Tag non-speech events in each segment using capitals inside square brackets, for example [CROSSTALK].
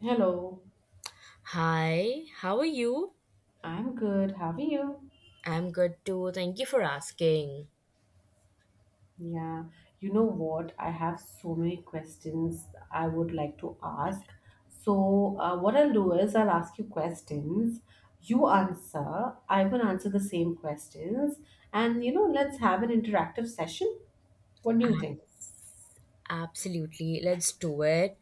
Hello, Hi, how are you? I'm good. How are you? I'm good too. Thank you for asking. Yeah, you know what? I have so many questions I would like to ask. So, what I'll do is I'll ask you questions. You answer, I will answer the same questions, and you know, let's have an interactive session. What do you think? Absolutely, let's do it.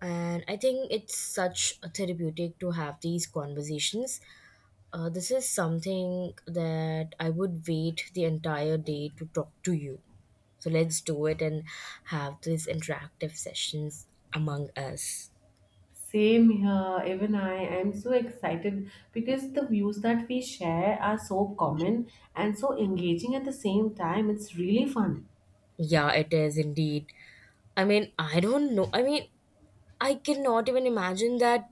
And I think it's such a therapeutic to have these conversations. This is something that I would wait the entire day to talk to you. So let's do it and have these interactive sessions among us. Same here, even I am so excited because the views that we share are so common and so engaging at the same time. It's really fun. Yeah, it is indeed. I mean, I don't know. I mean, I cannot even imagine that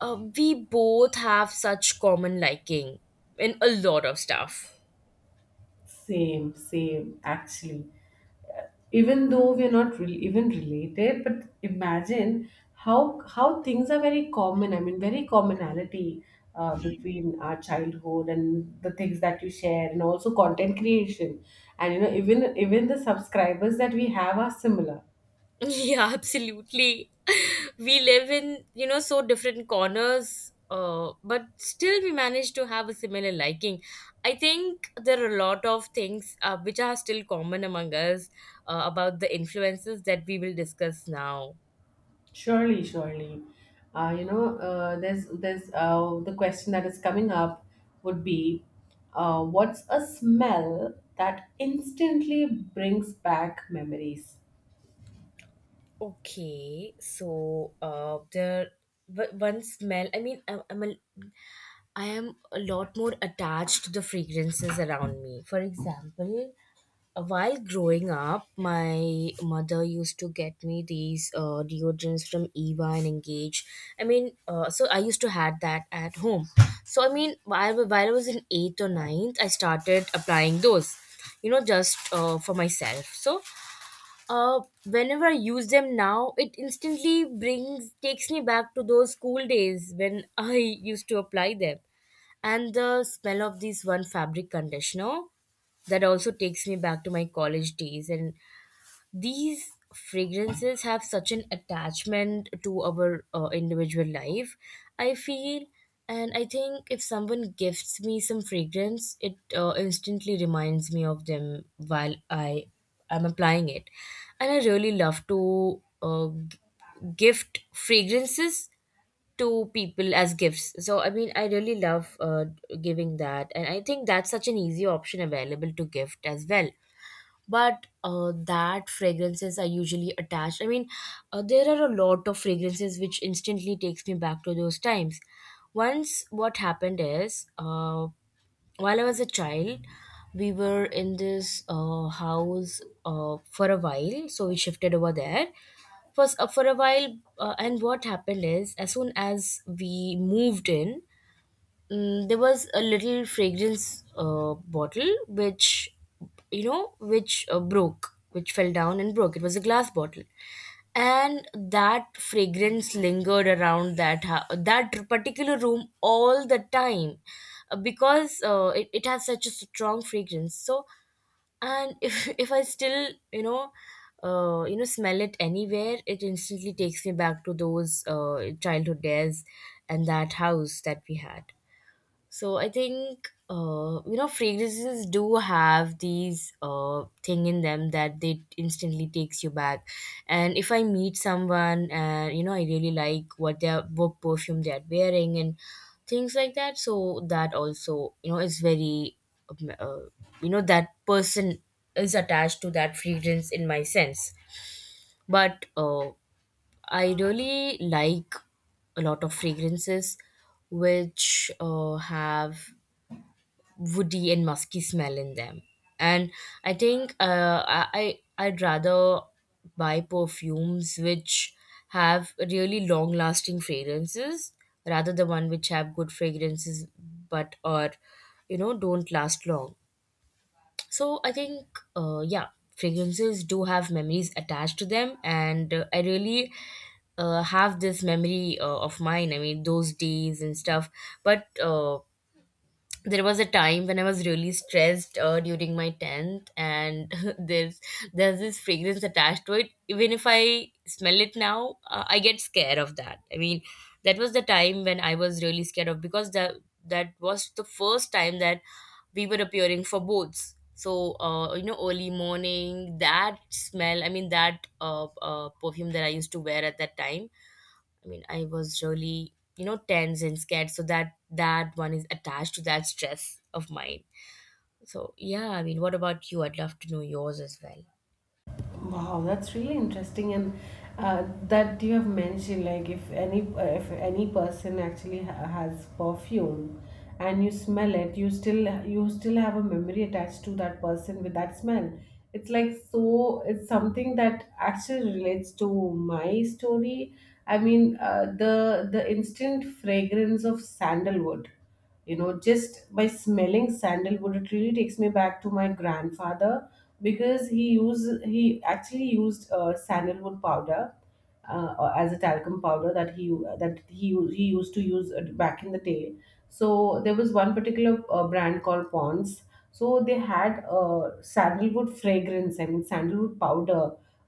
We both have such common liking in a lot of stuff. [LAUGHS] Same, same, actually. Even though we're not re- even related, but imagine how things are very common. I mean, very commonality between our childhood and the things that you share, and also content creation. And you know, even the subscribers that we have are similar. Yeah, absolutely. [LAUGHS] We live in, you know, so different corners, but still we manage to have a similar liking. I think there are a lot of things which are still common among us about the influences that we will discuss now. Surely, surely. The question that is coming up would be, what's a smell that instantly brings back memories? Okay, so one smell. I mean, I am a lot more attached to the fragrances around me. For example, while growing up, my mother used to get me these deodorants from Eva and Engage. I mean, so I used to had that at home. So I mean, while I was in eighth or ninth, I started applying those. You know, just for myself. So, whenever I use them now, it instantly brings takes me back to those school days when [LAUGHS] I used to apply them, and the smell of this one fabric conditioner, that also takes me back to my college days. And these fragrances have such an attachment to our individual life, I feel. And I think if someone gifts me some fragrance, it instantly reminds me of them while I am applying it. And I really love to gift fragrances to people as gifts. So I mean, I really love giving that, and I think that's such an easy option available to gift as well. But that fragrances are usually attached. I mean, there are a lot of fragrances which instantly takes me back to those times. Once what happened is, while I was a child, we were in this house for a while, so we shifted over there. First, for a while, and what happened is, as soon as we moved in, there was a little fragrance bottle which, you know, which broke, which fell down and broke. It was a glass bottle, and that fragrance lingered around that particular room all the time, because it has such a strong fragrance. So, and if [LAUGHS] if I still, you know, you know, smell it anywhere, it instantly takes me back to those childhood days and that house that we had. So I think, you know, fragrances do have these thing in them, that they instantly takes you back. And if I meet someone and, you know, I really like what their, what perfume they're wearing, and things like that, so that also, you know, is very um, uh, you know, that person is attached to that fragrance in my sense. But I really like a lot of fragrances which have woody and musky smell in them. And I think I'd rather buy perfumes which have really long lasting fragrances, rather than one which have good fragrances, but or, you know, don't last long. So I think, yeah, fragrances do have memories attached to them, and I really have this memory of mine. I mean, those days and stuff. But there was a time when I was really stressed during my 10th, and [LAUGHS] there's there's this fragrance attached to it. Even if I smell it now, I get scared of that. I mean, that was the time when I was really scared of because that was the first time that we were appearing for boats. So, you know, early morning, that smell. I mean, that perfume that I used to wear at that time, I mean, I was really, you know, tense and scared. So that one is attached to that stress of mine. So yeah, I mean, what about you? I'd love to know yours as well. Wow, that's really interesting, and that you have mentioned, like if any person has perfume and you smell it, you still have a memory attached to that person with that smell. It's like so. It's something that actually relates to my story. I mean, the instant fragrance of sandalwood. You know, just by smelling sandalwood, it really takes me back to my grandfather, because he actually used sandalwood powder, or as a talcum powder that that he he used to use back in the day. So there was one particular brand called Pond's. So they had sandalwood fragrance, I mean sandalwood powder,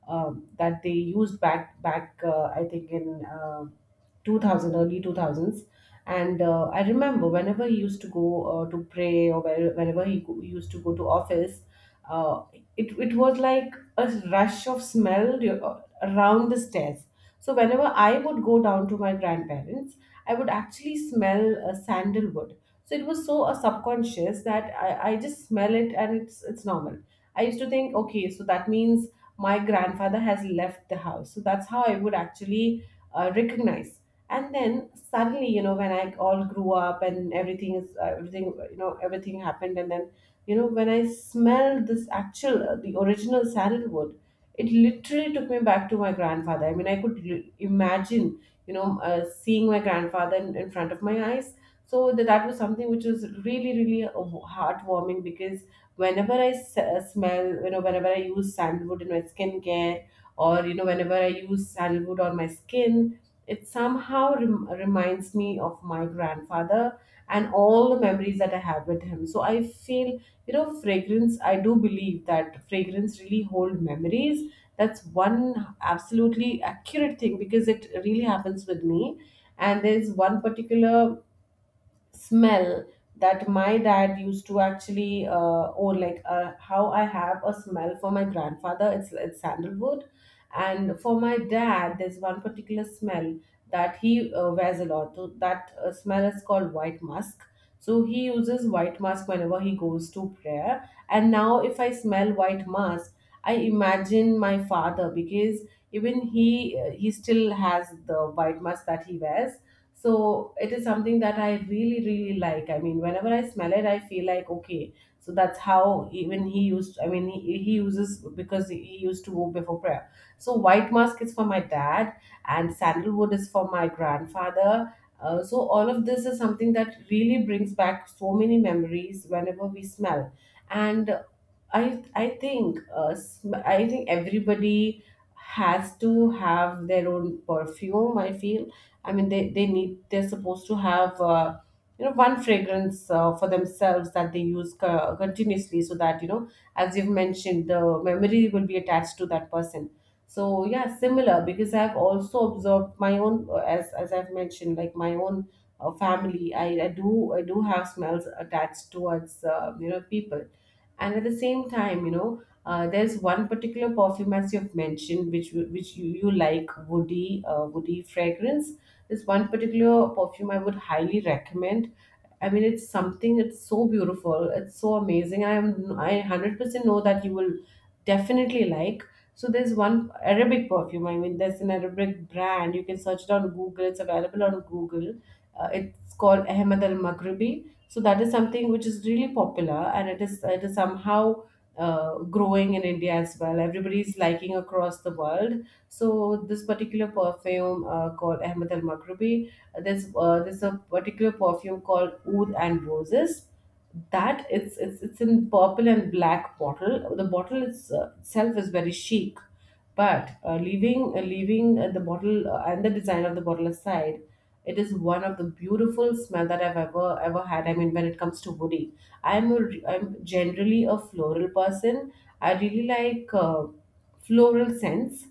that they used back back I think in 2000, early 2000s. And I remember whenever he used to go to pray, or used to go to office, uh, it, it was like a rush of smell, you know, around the stairs. So whenever I would go down to my grandparents, I would actually smell sandalwood. So it was so subconscious that I just smell it and it's normal. I used to think, okay, so that means my grandfather has left the house. So that's how I would actually recognize. And then suddenly, you know, when I all grew up, and everything, you know, everything happened. And then you know, when I smelled this actual the original sandalwood, it literally took me back to my grandfather. I mean, I could imagine, you know, seeing my grandfather in front of my eyes. So that was something which was really really heartwarming, because whenever smell, you know, whenever I use sandalwood in my skincare, or you know, whenever I use sandalwood on my skin, it somehow reminds me of my grandfather and all the memories that I have with him. So I feel, you know, fragrance, I do believe that fragrance really hold memories. That's one absolutely accurate thing because it really happens with me. And there's one particular smell that my dad used to actually own, like how I have a smell for my grandfather, it's sandalwood, and for my dad there's one particular smell that he wears a lot. So that smell is called white musk. So he uses white musk whenever he goes to prayer, and now if I smell white musk, I imagine my father, because even he still has the white musk that he wears. So it is something that I really really like. I mean, whenever I smell it, I feel like, okay, so that's how even he used I mean he uses, because he used to go before prayer. So white musk is for my dad and sandalwood is for my grandfather. So all of this is something that really brings back so many memories whenever we smell. And I think I think everybody has to have their own perfume, I feel. I mean, they need, they're supposed to have you know, one fragrance for themselves that they use continuously, so that you know, as you've mentioned, the memory will be attached to that person. So yeah, similar, because I've also observed my own, as I've mentioned, like my own family. I do, have smells attached towards you know, people. And at the same time, you know, there's one particular perfume, as you've mentioned, which which you like woody, woody fragrance. There's one particular perfume I would highly recommend. I mean, it's something, it's so beautiful, it's so amazing. I am I 100% know that you will definitely like. So there's one Arabic perfume, I mean there's an Arabic brand, you can search it on Google, it's available on Google. It's called Ahmed Al Maghribi. So that is something which is really popular, and it is, it is somehow growing in India as well. Everybody is liking across the world. So this particular perfume called Ahmed Al Maghribi, there's a particular perfume called Oud and Roses. That it's in purple and black bottle. The bottle is, itself is very chic, but leaving the bottle and the design of the bottle aside, it is one of the beautiful smell that I've ever ever had. I mean, when it comes to woody, I'm generally a floral person. I really like. Floral sense.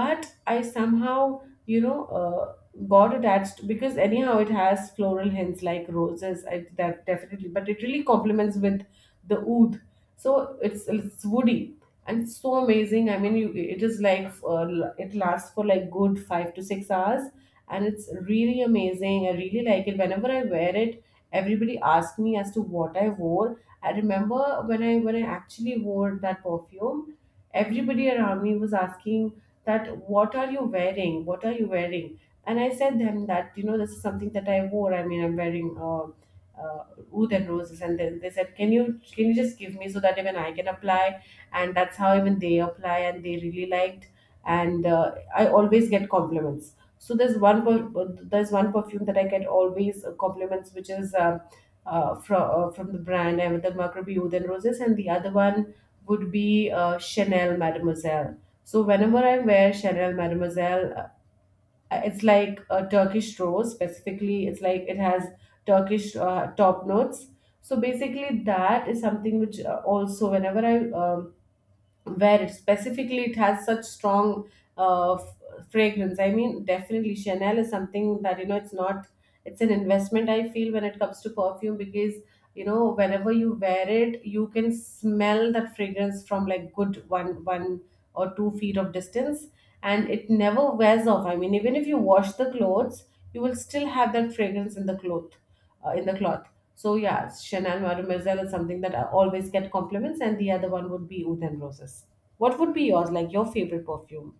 But I somehow, you know, got attached because anyhow it has floral hints like roses, that definitely, but it really complements with the oud. So it's woody and it's so amazing. I mean, you, it is like, it lasts for like good 5 to 6 hours, and it's really amazing. I really like it. Whenever I wear it, everybody asks me as to what I wore. I remember when I actually wore that perfume, everybody around me was asking that, what are you wearing, what are you wearing? And I said them that, you know, this is something that I wore. I mean, I'm wearing uh, Oud and Roses. And then they said, can you, can you just give me so that even I can apply? And that's how even they apply and they really liked. And I always get compliments. So there's there's one perfume that I get always compliments, which is from the brand I have, the Macrobi Oud and Roses, and the other one would be Chanel Mademoiselle. So whenever I wear Chanel Mademoiselle, it's like a Turkish rose. Specifically, it's like it has Turkish top notes. So basically, that is something which also whenever I where it, specifically it has such strong uh, f- fragrance. I mean, definitely Chanel is something that, you know, it's not, it's an investment, I feel, when it comes to perfume, because you know, whenever you wear it, you can smell that fragrance from like good 1 or 2 feet of distance, and it never wears off. I mean, even if you wash the clothes, you will still have that fragrance in the cloth, in the cloth. So yeah, Chanel Mademoiselle is something that I always get compliments, and the other one would be Oud and Roses. What would be yours, like your favorite perfume?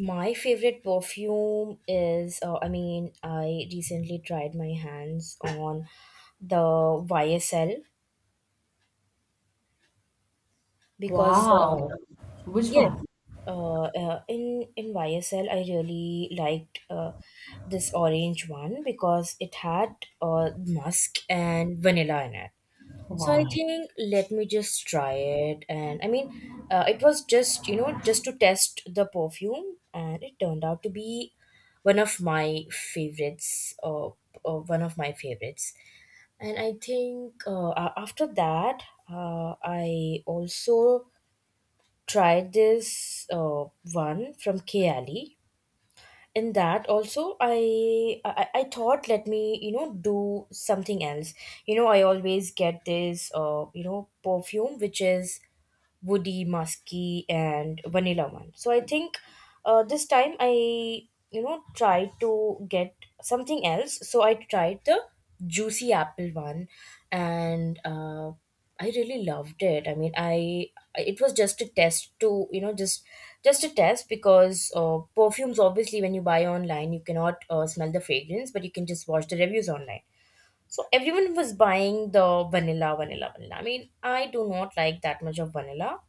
My favorite perfume is, I mean, I recently tried my hands on the YSL because, Wow. Which yes, one? in YSL I really liked this orange one because it had musk and vanilla in it. So I Wow. think let me just try it. And I mean, it was just, you know, just to test the perfume, and it turned out to be one of my favorites, or one of my favorites. And I think after that, I also tried this one from K Ali. In that also, I thought, let me, you know, do something else. You know, I always get this uh, you know, perfume which is woody, musky, and vanilla one. So I think, this time I, you know, tried to get something else. So I tried the juicy apple one, and I really loved it. I mean, I it was just a test to, you know, just a test because perfumes obviously when you buy online you cannot smell the fragrance, but you can just watch the reviews online. So everyone was buying the vanilla, vanilla, vanilla. I mean, I do not like that much of vanilla,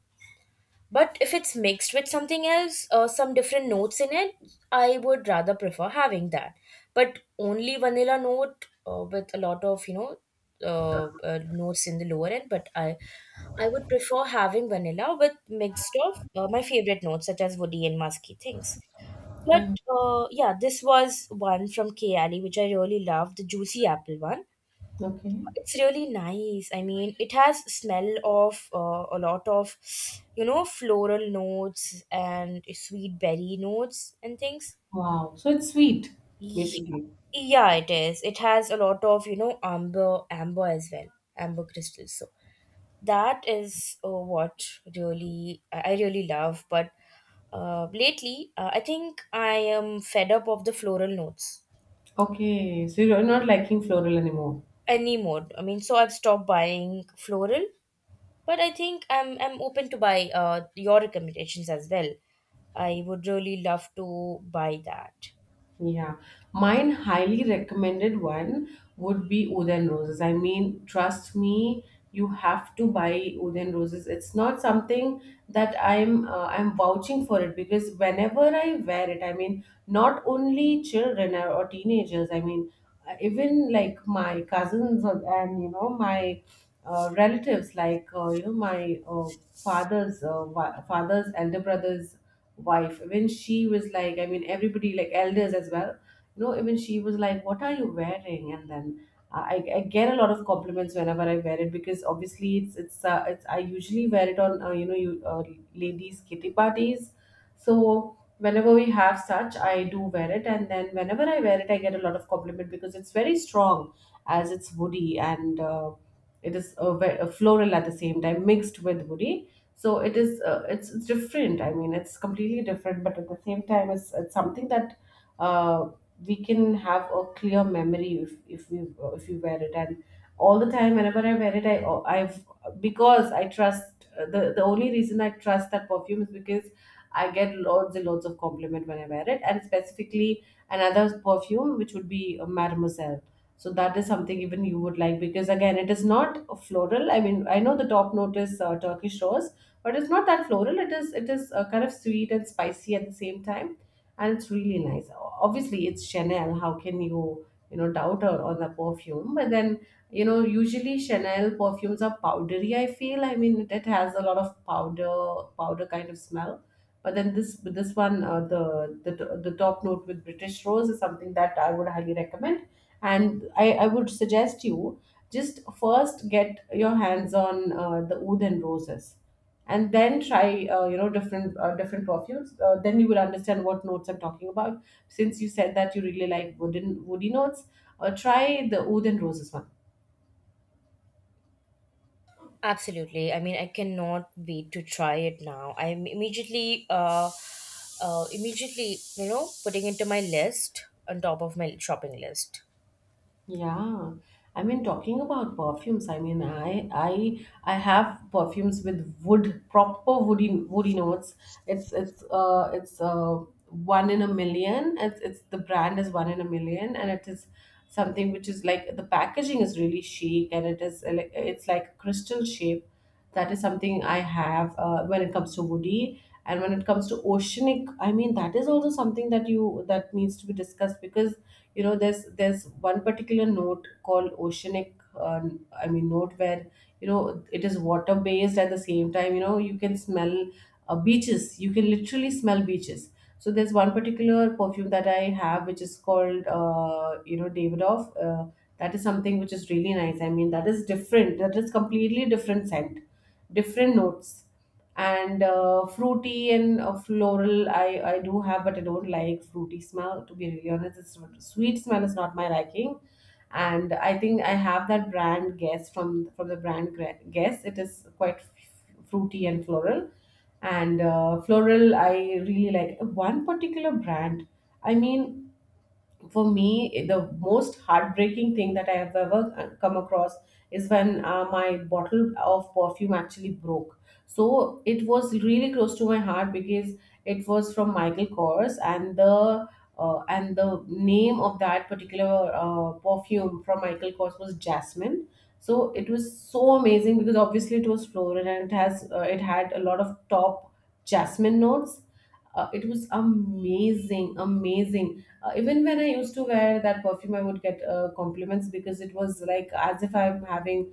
but if it's mixed with something else, some different notes in it, I would rather prefer having that. But only vanilla note with a lot of, you know, notes in the lower end. But I would prefer having vanilla with mixed of my favorite notes such as woody and musky things. But Yeah. Yeah, this was one from K Ali, which I really loved, the juicy apple one. Okay. It's really nice. I mean, it has smell of a lot of, you know, floral notes and sweet berry notes and things. Wow. So it's sweet, Ye- basically. yeah, it is, it has a lot of, you know, amber as well, amber crystals. So that is what really, I really love. But lately, I think I am fed up of the floral notes Okay. So you're not liking floral anymore. anymore. I mean, so I've stopped buying floral. But I think I'm open to buy your recommendations as well. I would really love to buy that. Yeah, mine highly recommended one would be Uden roses. I mean, trust me, you have to buy Uden roses. It's not something that I'm vouching for it, because whenever I wear it, I mean, not only children or teenagers. I mean, even like my cousins and you know my relatives, like you know my father's father's elder brother's wife when she was like, I mean everybody, like elders as well, you know, even she was like, what are you wearing? And then I get a lot of compliments whenever I wear it, because obviously it's I usually wear it on you know you ladies kitty parties, so whenever we have such, I do wear it. And then whenever I wear it, I get a lot of compliment because it's very strong, as it's woody. And it is a, a floral at the same time mixed with woody. So it is it's different. I mean, it's completely different, but at the same time, it's something that uh, we can have a clear memory if we wear it. And all the time whenever I wear it, I I trust the only reason I trust that perfume is because I get loads and loads of compliment when I wear it. And specifically, another perfume which would be Mademoiselle. So that is something even you would like, because again, it is not a floral. I mean, I know the top note is Turkish rose, but it's not that floral. It is kind of sweet and spicy at the same time, and it's really nice. Obviously it's Chanel, how can you you know doubt her on the perfume? But then you know, usually Chanel perfumes are powdery, I feel. I mean, it has a lot of powder, powder kind of smell. But then this one the, the top note with British rose is something that I would highly recommend. And I would suggest you just first get your hands on the oud and roses, and then try different perfumes. Then you will understand what notes I'm talking about. Since you said that you really like wooden woody notes, try the oud and roses one. Absolutely. I mean, I cannot wait to try it now. I'm immediately, you know, putting into my list on top of my shopping list. Yeah, I mean, talking about perfumes, I mean, I have perfumes with wood, proper woody notes. It's one in a million. It's the brand is one in a million, and it is something which is like, the packaging is really chic, and it is like, it's like crystal shape. That is something I have. When it comes to woody, and when it comes to oceanic, I mean, that is also something that you that needs to be discussed. Because you know, there's one particular note called oceanic. Note where, you know, it is water based. At the same time, you know, you can smell beaches. You can literally smell beaches. So there's one particular perfume that I have which is called you know, Davidoff. That is something which is really nice. I mean, that is different. That is completely different scent, different notes. And fruity and floral, I do have, but I don't like fruity smell, to be really honest. It's not- Sweet smell is not my liking. And I think I have that brand Guess, from the brand Guess. It is quite fruity and floral. And floral I really like one particular brand. I mean, for me, the most heartbreaking thing that I have ever come across is when my bottle of perfume actually broke. So it was really close to my heart because it was from Michael Kors, and the name of that particular perfume from Michael Kors was Jasmine. So it was so amazing because obviously it was floral, and it has it had a lot of top jasmine notes. It was amazing. Even when I used to wear that perfume, I would get compliments, because it was like as if I'm having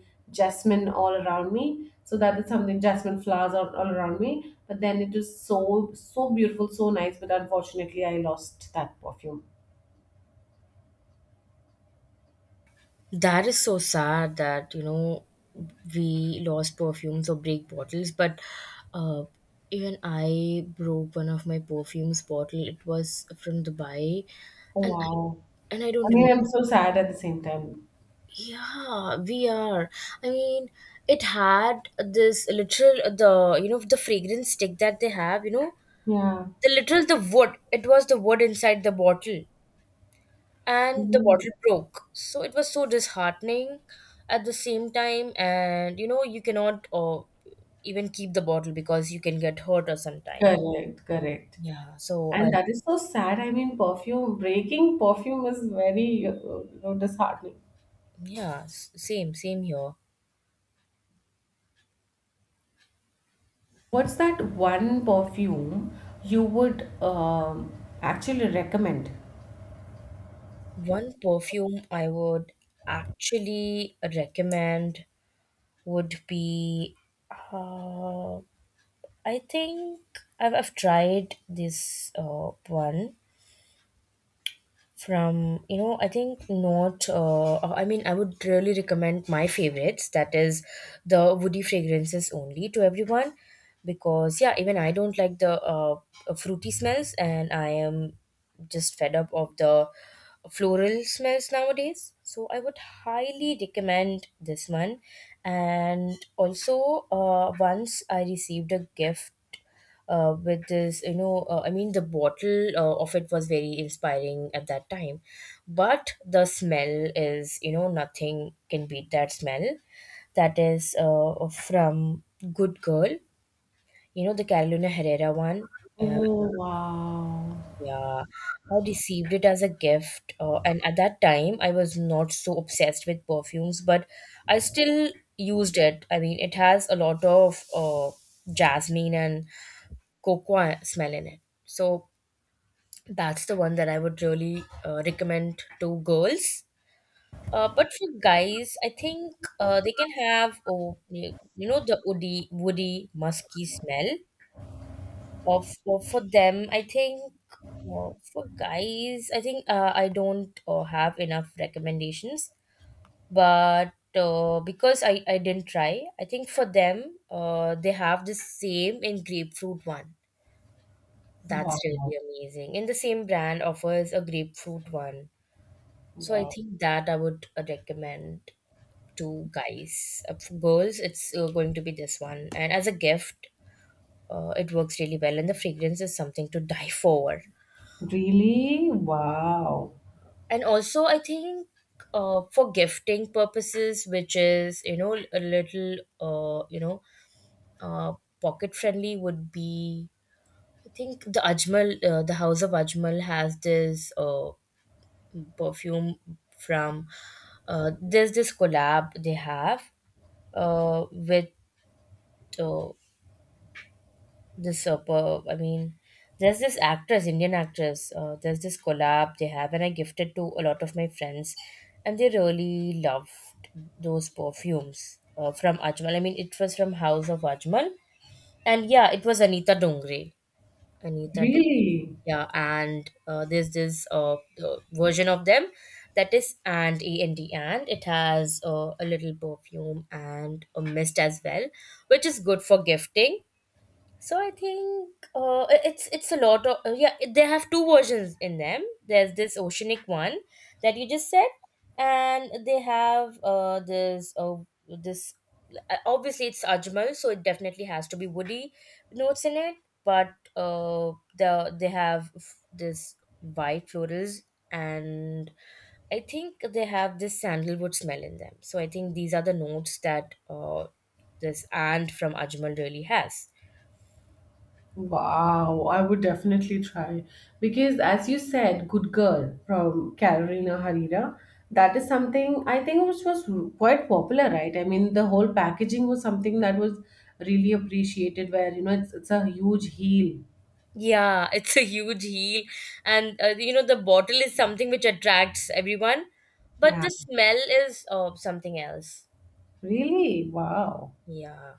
jasmine all around me. So that is something. Jasmine flowers all around me. But then it was so so beautiful, so nice, but unfortunately I lost that perfume. That is so sad that, you know, we lost perfumes or break bottles. But uh, even I broke one of my perfumes bottle. It was from Dubai, Oh and I, wow. and I don't I mean, remember. I'm so sad at the same time. Yeah, we are. I mean, it had this literal, the, you know, the fragrance stick that they have. You know, Yeah. the literal the wood. It was the wood inside the bottle. And the Mhm. bottle broke. So it was so disheartening at the same time, and you know, you cannot even keep the bottle because you can get hurt or sometimes. Correct, correct. Yeah, so I, And that is so sad. I mean, perfume breaking perfume is very you know, disheartening. yeah, same here. What's that one perfume you would actually recommend? One perfume I would actually recommend would be, uh, I think I've tried this one from, you know, I think not, I mean, I would really recommend my favorites, that is the woody fragrances only to everyone. Because yeah, even I don't like the fruity smells, and I am just fed up of the floral smells nowadays. So I would highly recommend this one. And also once I received a gift with this, you know, I mean, the bottle of it was very inspiring at that time, but the smell is, you know, nothing can beat that smell. That is from Good Girl, you know, the Carolina Herrera one. uh, Oh, wow. yeah, I received it as a gift, and at that time I was not so obsessed with perfumes, but I still used it. I mean, it has a lot of jasmine and cocoa smell in it. So that's the one that I would really recommend to girls. But for guys, I think they can have, oh, you know, the woody, woody, musky smell. Of for them, I think, well, for guys, I think I don't have enough recommendations. But because I didn't try, I think for them, they have the same in grapefruit one. That's Wow. really amazing. And the same brand offers a grapefruit one. So I Wow. think that I would recommend to guys. For girls, it's going to be this one, and as a gift, it works really well. And the fragrance is something to die for. Really? Wow. And also, I think for gifting purposes, which is a little uh, pocket friendly, would be I think the Ajmal, the House of Ajmal has this perfume from. There's this collab they have with uh, this there's this actress, Indian actress. There's this collab they have, and I gifted to a lot of my friends, and they really loved those perfumes from Ajmal. I mean, it was from House of Ajmal, and yeah, it was Anita Dongre. Anita Dongre. Really? Yeah, and there's this version of them that is and it has a little perfume and a mist as well, which is good for gifting. So I think it's a lot of yeah. They have two versions in them. There's this oceanic one that you just said, and they have this this obviously it's Ajmal, so it definitely has to be woody notes in it. But they have this white florals, and I think they have this sandalwood smell in them. So I think these are the notes that this ant from Ajmal really has. Wow. I would definitely try. Because, as you said, Good Girl from Carolina Herrera, that is something I think which was quite popular, right? I mean, the whole packaging was something that was really appreciated, where, you know, it's a huge heel. Yeah, [LAUGHS] it's a huge heel, and you know the bottle is something which attracts everyone, but Yeah. the smell is something else. Really? Wow. Yeah,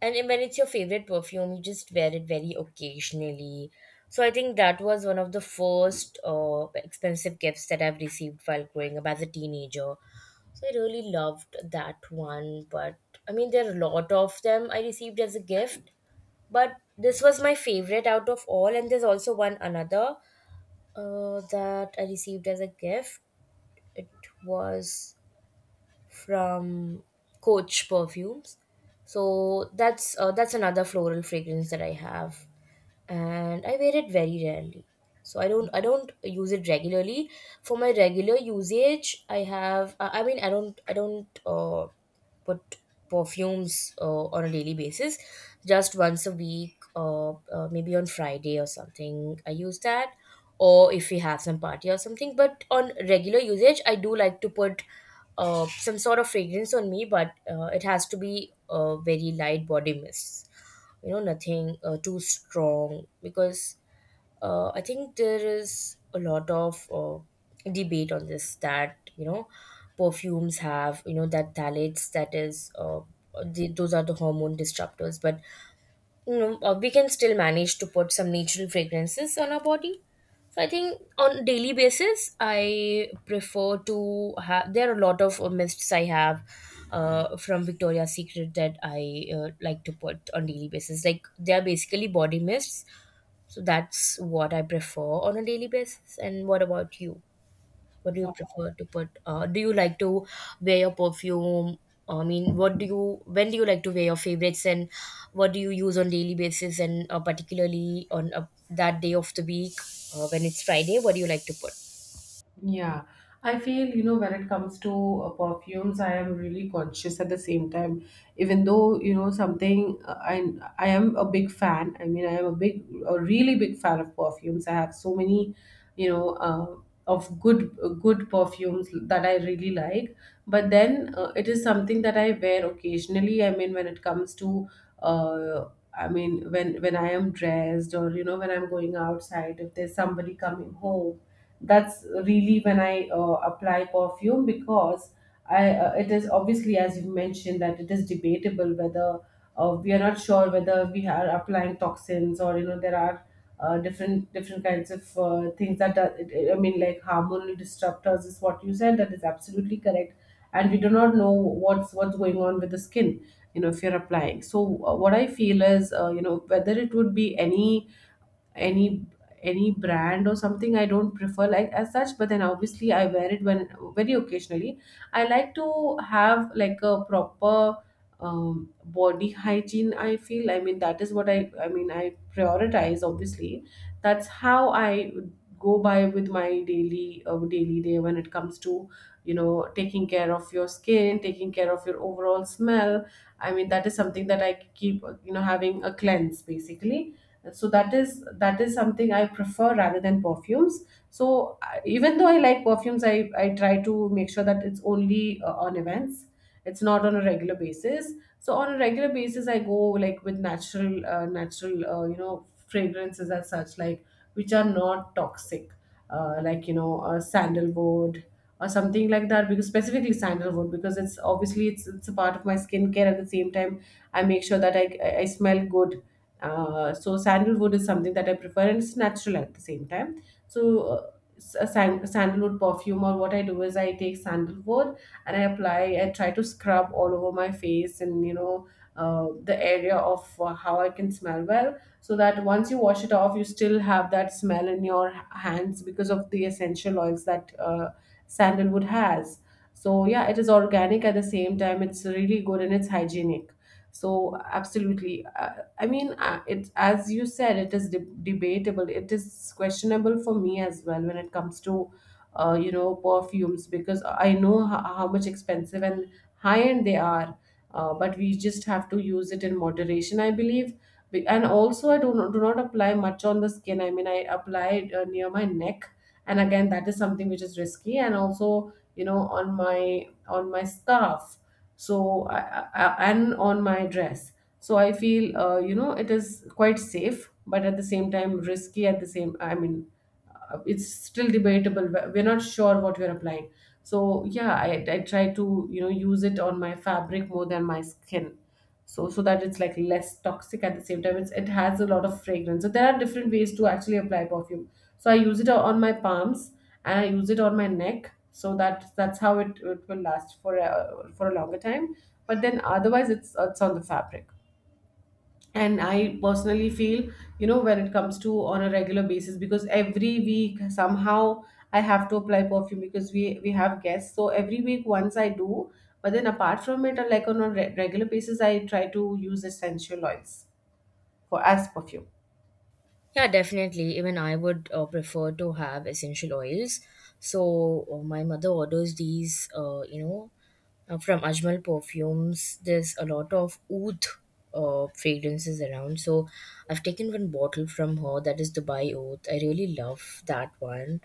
and when it's your favorite perfume, you just wear it very occasionally. So I think that was one of the first expensive gifts that I've received while growing up as a teenager. So I really loved that one, but I mean there are a lot of them I received as a gift, but this was my favorite out of all, and there's also one another that I received as a gift. It was from Coach Perfumes. So that's another floral fragrance that I have and I wear it very rarely. So I don't use it regularly. For my regular usage, I have I mean I don't put perfumes on a daily basis. Just once a week, maybe on Friday or something, I use that. Or if we have some party or something. But on regular usage, I do like to put some sort of fragrance on me, but it has to be a very light body mist, you know, nothing too strong, because I think there is a lot of debate on this that you know perfumes have you know that phthalates, that is those are the hormone disruptors, but you know, we can still manage to put some natural fragrances on our body. So I think on daily basis, I prefer to have. There are a lot of mists I have from Victoria's Secret that I like to put on daily basis. Like they are basically body mists, so that's what I prefer on a daily basis. And what about you? What do you Wow. prefer to put? Do you like to wear your perfume? I mean, what do you, when do you like to wear your favorites and what do you use on daily basis and particularly on that day of the week when it's Friday, what do you like to put? Yeah, I feel, you know, when it comes to perfumes, I am really conscious at the same time. Even though, you know, something I am a big fan. I mean, I am a big, a really big fan of perfumes. I have so many, you know, of good perfumes that I really like. But then it is something that I wear occasionally. I mean, when it comes to uh, I mean, when I am dressed, or you know, when I'm going outside, if there's somebody coming home, that's really when I apply perfume. Because I it is obviously, as you mentioned, that it is debatable whether we are not sure whether we are applying toxins, or you know, there are different kinds of things that are, I mean, like hormonal disruptors is what you said, that is absolutely correct. And we do not know what's going on with the skin, you know, if you're applying. So what I feel is you know, whether it would be any any brand or something, I don't prefer like as such. But then obviously I wear it when, very occasionally. I like to have like a proper body hygiene, I feel. I mean, that is what I prioritize. Obviously, that's how I go by with my daily daily day when it comes to, you know, taking care of your skin, taking care of your overall smell. I mean, that is something that I keep you know, having a cleanse basically. So that is something I prefer rather than perfumes. So even though I like perfumes, I try to make sure that it's only on events. It's not on a regular basis. So on a regular basis, I go like with natural you know, fragrances as such, like which are not toxic. Like, you know, sandalwood or something like that, because specifically sandalwood, because it's obviously, it's a part of my skincare at the same time. I make sure that I smell good. So sandalwood is something that I prefer, and it's natural at the same time. So sandalwood perfume, or what I do is I take sandalwood and I apply. I try to scrub all over my face, and you know, the area of how I can smell well, so that once you wash it off, you still have that smell in your hands, because of the essential oils that sandalwood has. So yeah, it is organic at the same time. It's really good and it's hygienic. So absolutely, I mean, it's, as you said, it is debatable. It is questionable for me as well when it comes to, you know, perfumes, because I know how much expensive and high end they are. But we just have to use it in moderation, I believe. And also, I do not apply much on the skin. I mean, I apply it near my neck, and again, that is something which is risky. And also, you know, on my scarf, so and on my dress. So I feel you know, it is quite safe, but at the same time risky at the same. I mean, it's still debatable. We're not sure what we're applying. So yeah, I try to, you know, use it on my fabric more than my skin, so so that it's like less toxic at the same time. It has a lot of fragrance. So there are different ways to actually apply perfume. So I use it on my palms, and I use it on my neck, so that that's how it will last for a longer time. But then otherwise, it's on the fabric. And I personally feel, you know, when it comes to on a regular basis, because every week somehow I have to apply perfume, because we have guests, so every week once I do. But then apart from it, like on a regular basis, I try to use essential oils for, as perfume. Yeah, definitely. Even I would prefer to have essential oils. So my mother orders these, you know, from Ajmal perfumes. There's a lot of oud fragrances around. So I've taken one bottle from her that is Dubai Oud. I really love that one,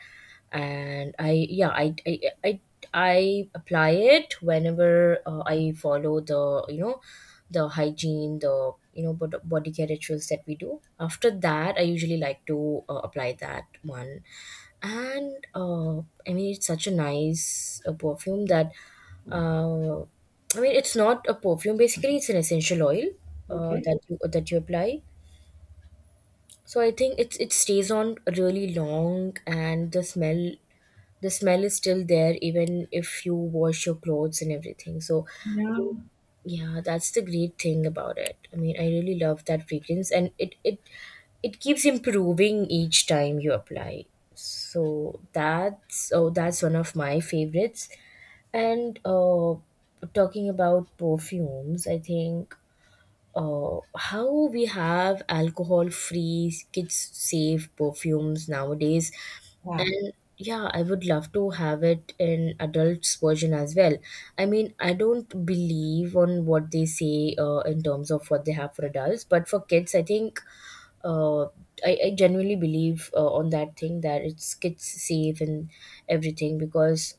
and I yeah I I apply it whenever I follow the you know the hygiene, the you know body care rituals that we do. After that I usually like to apply that one, and I mean it's such a nice perfume that uh, I mean it's not a perfume basically, it's an essential oil Okay. that you apply. So I think it stays on really long, and the smell is still there even if you wash your clothes and everything. So Yeah. yeah, that's the great thing about it. I mean, I really love that fragrance, and it keeps improving each time you apply. So that's, oh, that's one of my favorites. And talking about perfumes, I think how we have alcohol free kids safe perfumes nowadays, Yeah. and yeah, I would love to have it in adults version as well. I mean, I don't believe on what they say in terms of what they have for adults, but for kids I think uh, I genuinely believe on that thing that it's kids safe and everything, because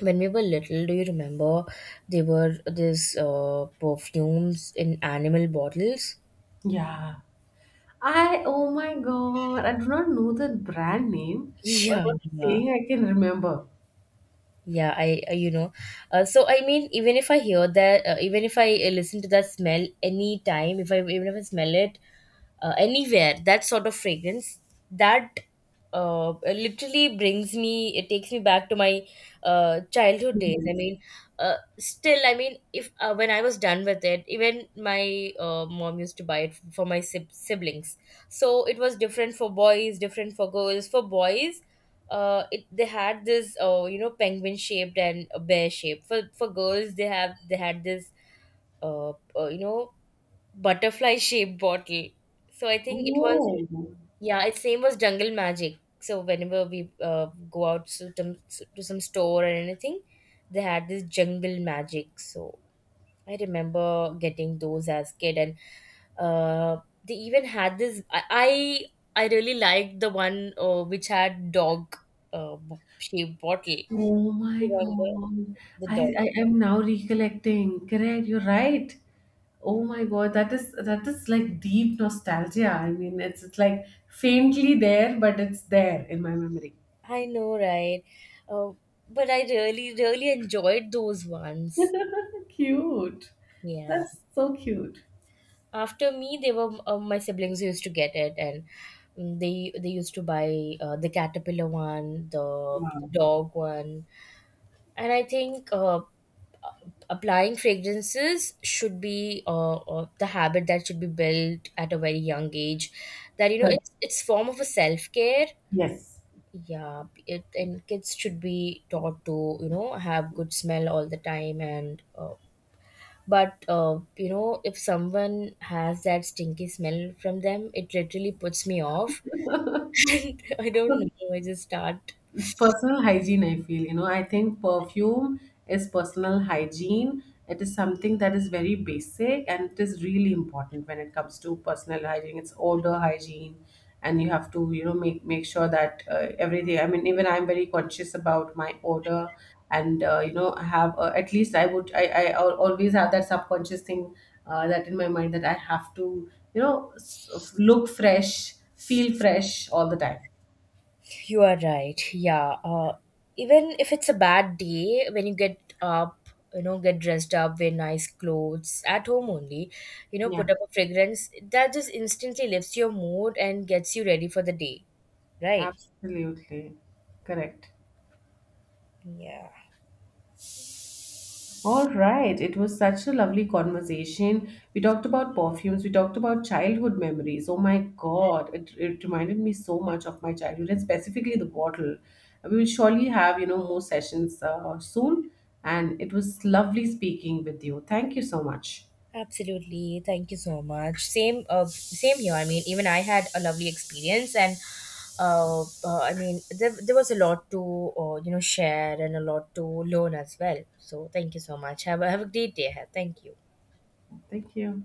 when we were little, do you remember there were these perfumes in animal bottles. Yeah. I Oh my god, I do not know the brand name, but Yeah. what saying I can remember. Yeah, I you know, so I mean, even if I hear that, even if I listen to that smell any time, if I even if I smell it anywhere, that sort of fragrance, that literally brings me, it takes me back to my childhood days. I Serious. mean, still, I mean, if when I was done with it, even my mom used to buy it for my siblings. So it was different for boys, different for girls. For boys, they had this you know penguin shaped and a bear shape. For girls, they had this uh, you know butterfly [LAUGHS] shaped bottle. So I think it was, Oh. yeah, its name was Jungle Magic. So whenever we go to some store or anything, they had this Jungle Magic. So I remember getting those as kid, and uh, they even had this. I really liked the one which had dog shaped bottle. Oh my Remember God. the dog? I am now recollecting. Correct, you're right. Oh my God, that is like deep nostalgia. I mean, it's like faintly there, but it's there in my memory. I know, right? Uh, but I really really enjoyed those ones. So cute. Yeah. That's so cute. After me, they were my siblings used to get it, and mm, they used to buy the caterpillar one, the dog one, and I think applying fragrances should be the habit that should be built at a very young age, that you know Correct. It's form of a self-care. Yes. Yeah, it, and kids should be taught to you know have good smell all the time. And but you know, if someone has that stinky smell from them, it literally puts me off [LAUGHS] and I don't know, I just start. It's personal hygiene, I feel. You know, I think perfume is personal hygiene. It is something that is very basic, and it is really important when it comes to personal hygiene. It's odor hygiene, and you have to, you know, make sure that everything. I mean, even I'm very conscious about my odor, and you know, I have at least I would always have that subconscious thing that in my mind that I have to, you know, look fresh, feel fresh all the time. You are right. Yeah. Even if it's a bad day, when you get up, you know, get dressed up, wear nice clothes at home only, you know, Yeah. put up a fragrance that just instantly lifts your mood and gets you ready for the day. Right? Absolutely. Correct. Yeah. All right. It was such a lovely conversation. We talked about perfumes. We talked about childhood memories. Oh my God. It reminded me so much of my childhood, and specifically the bottle. We will surely have, you know, more sessions soon. And it was lovely speaking with you. Thank you so much. Absolutely. Thank you so much. Same same here. I mean, even I had a lovely experience, and I mean, there was a lot to you know share and a lot to learn as well. So thank you so much. Have a great day ahead. Thank you. Thank you.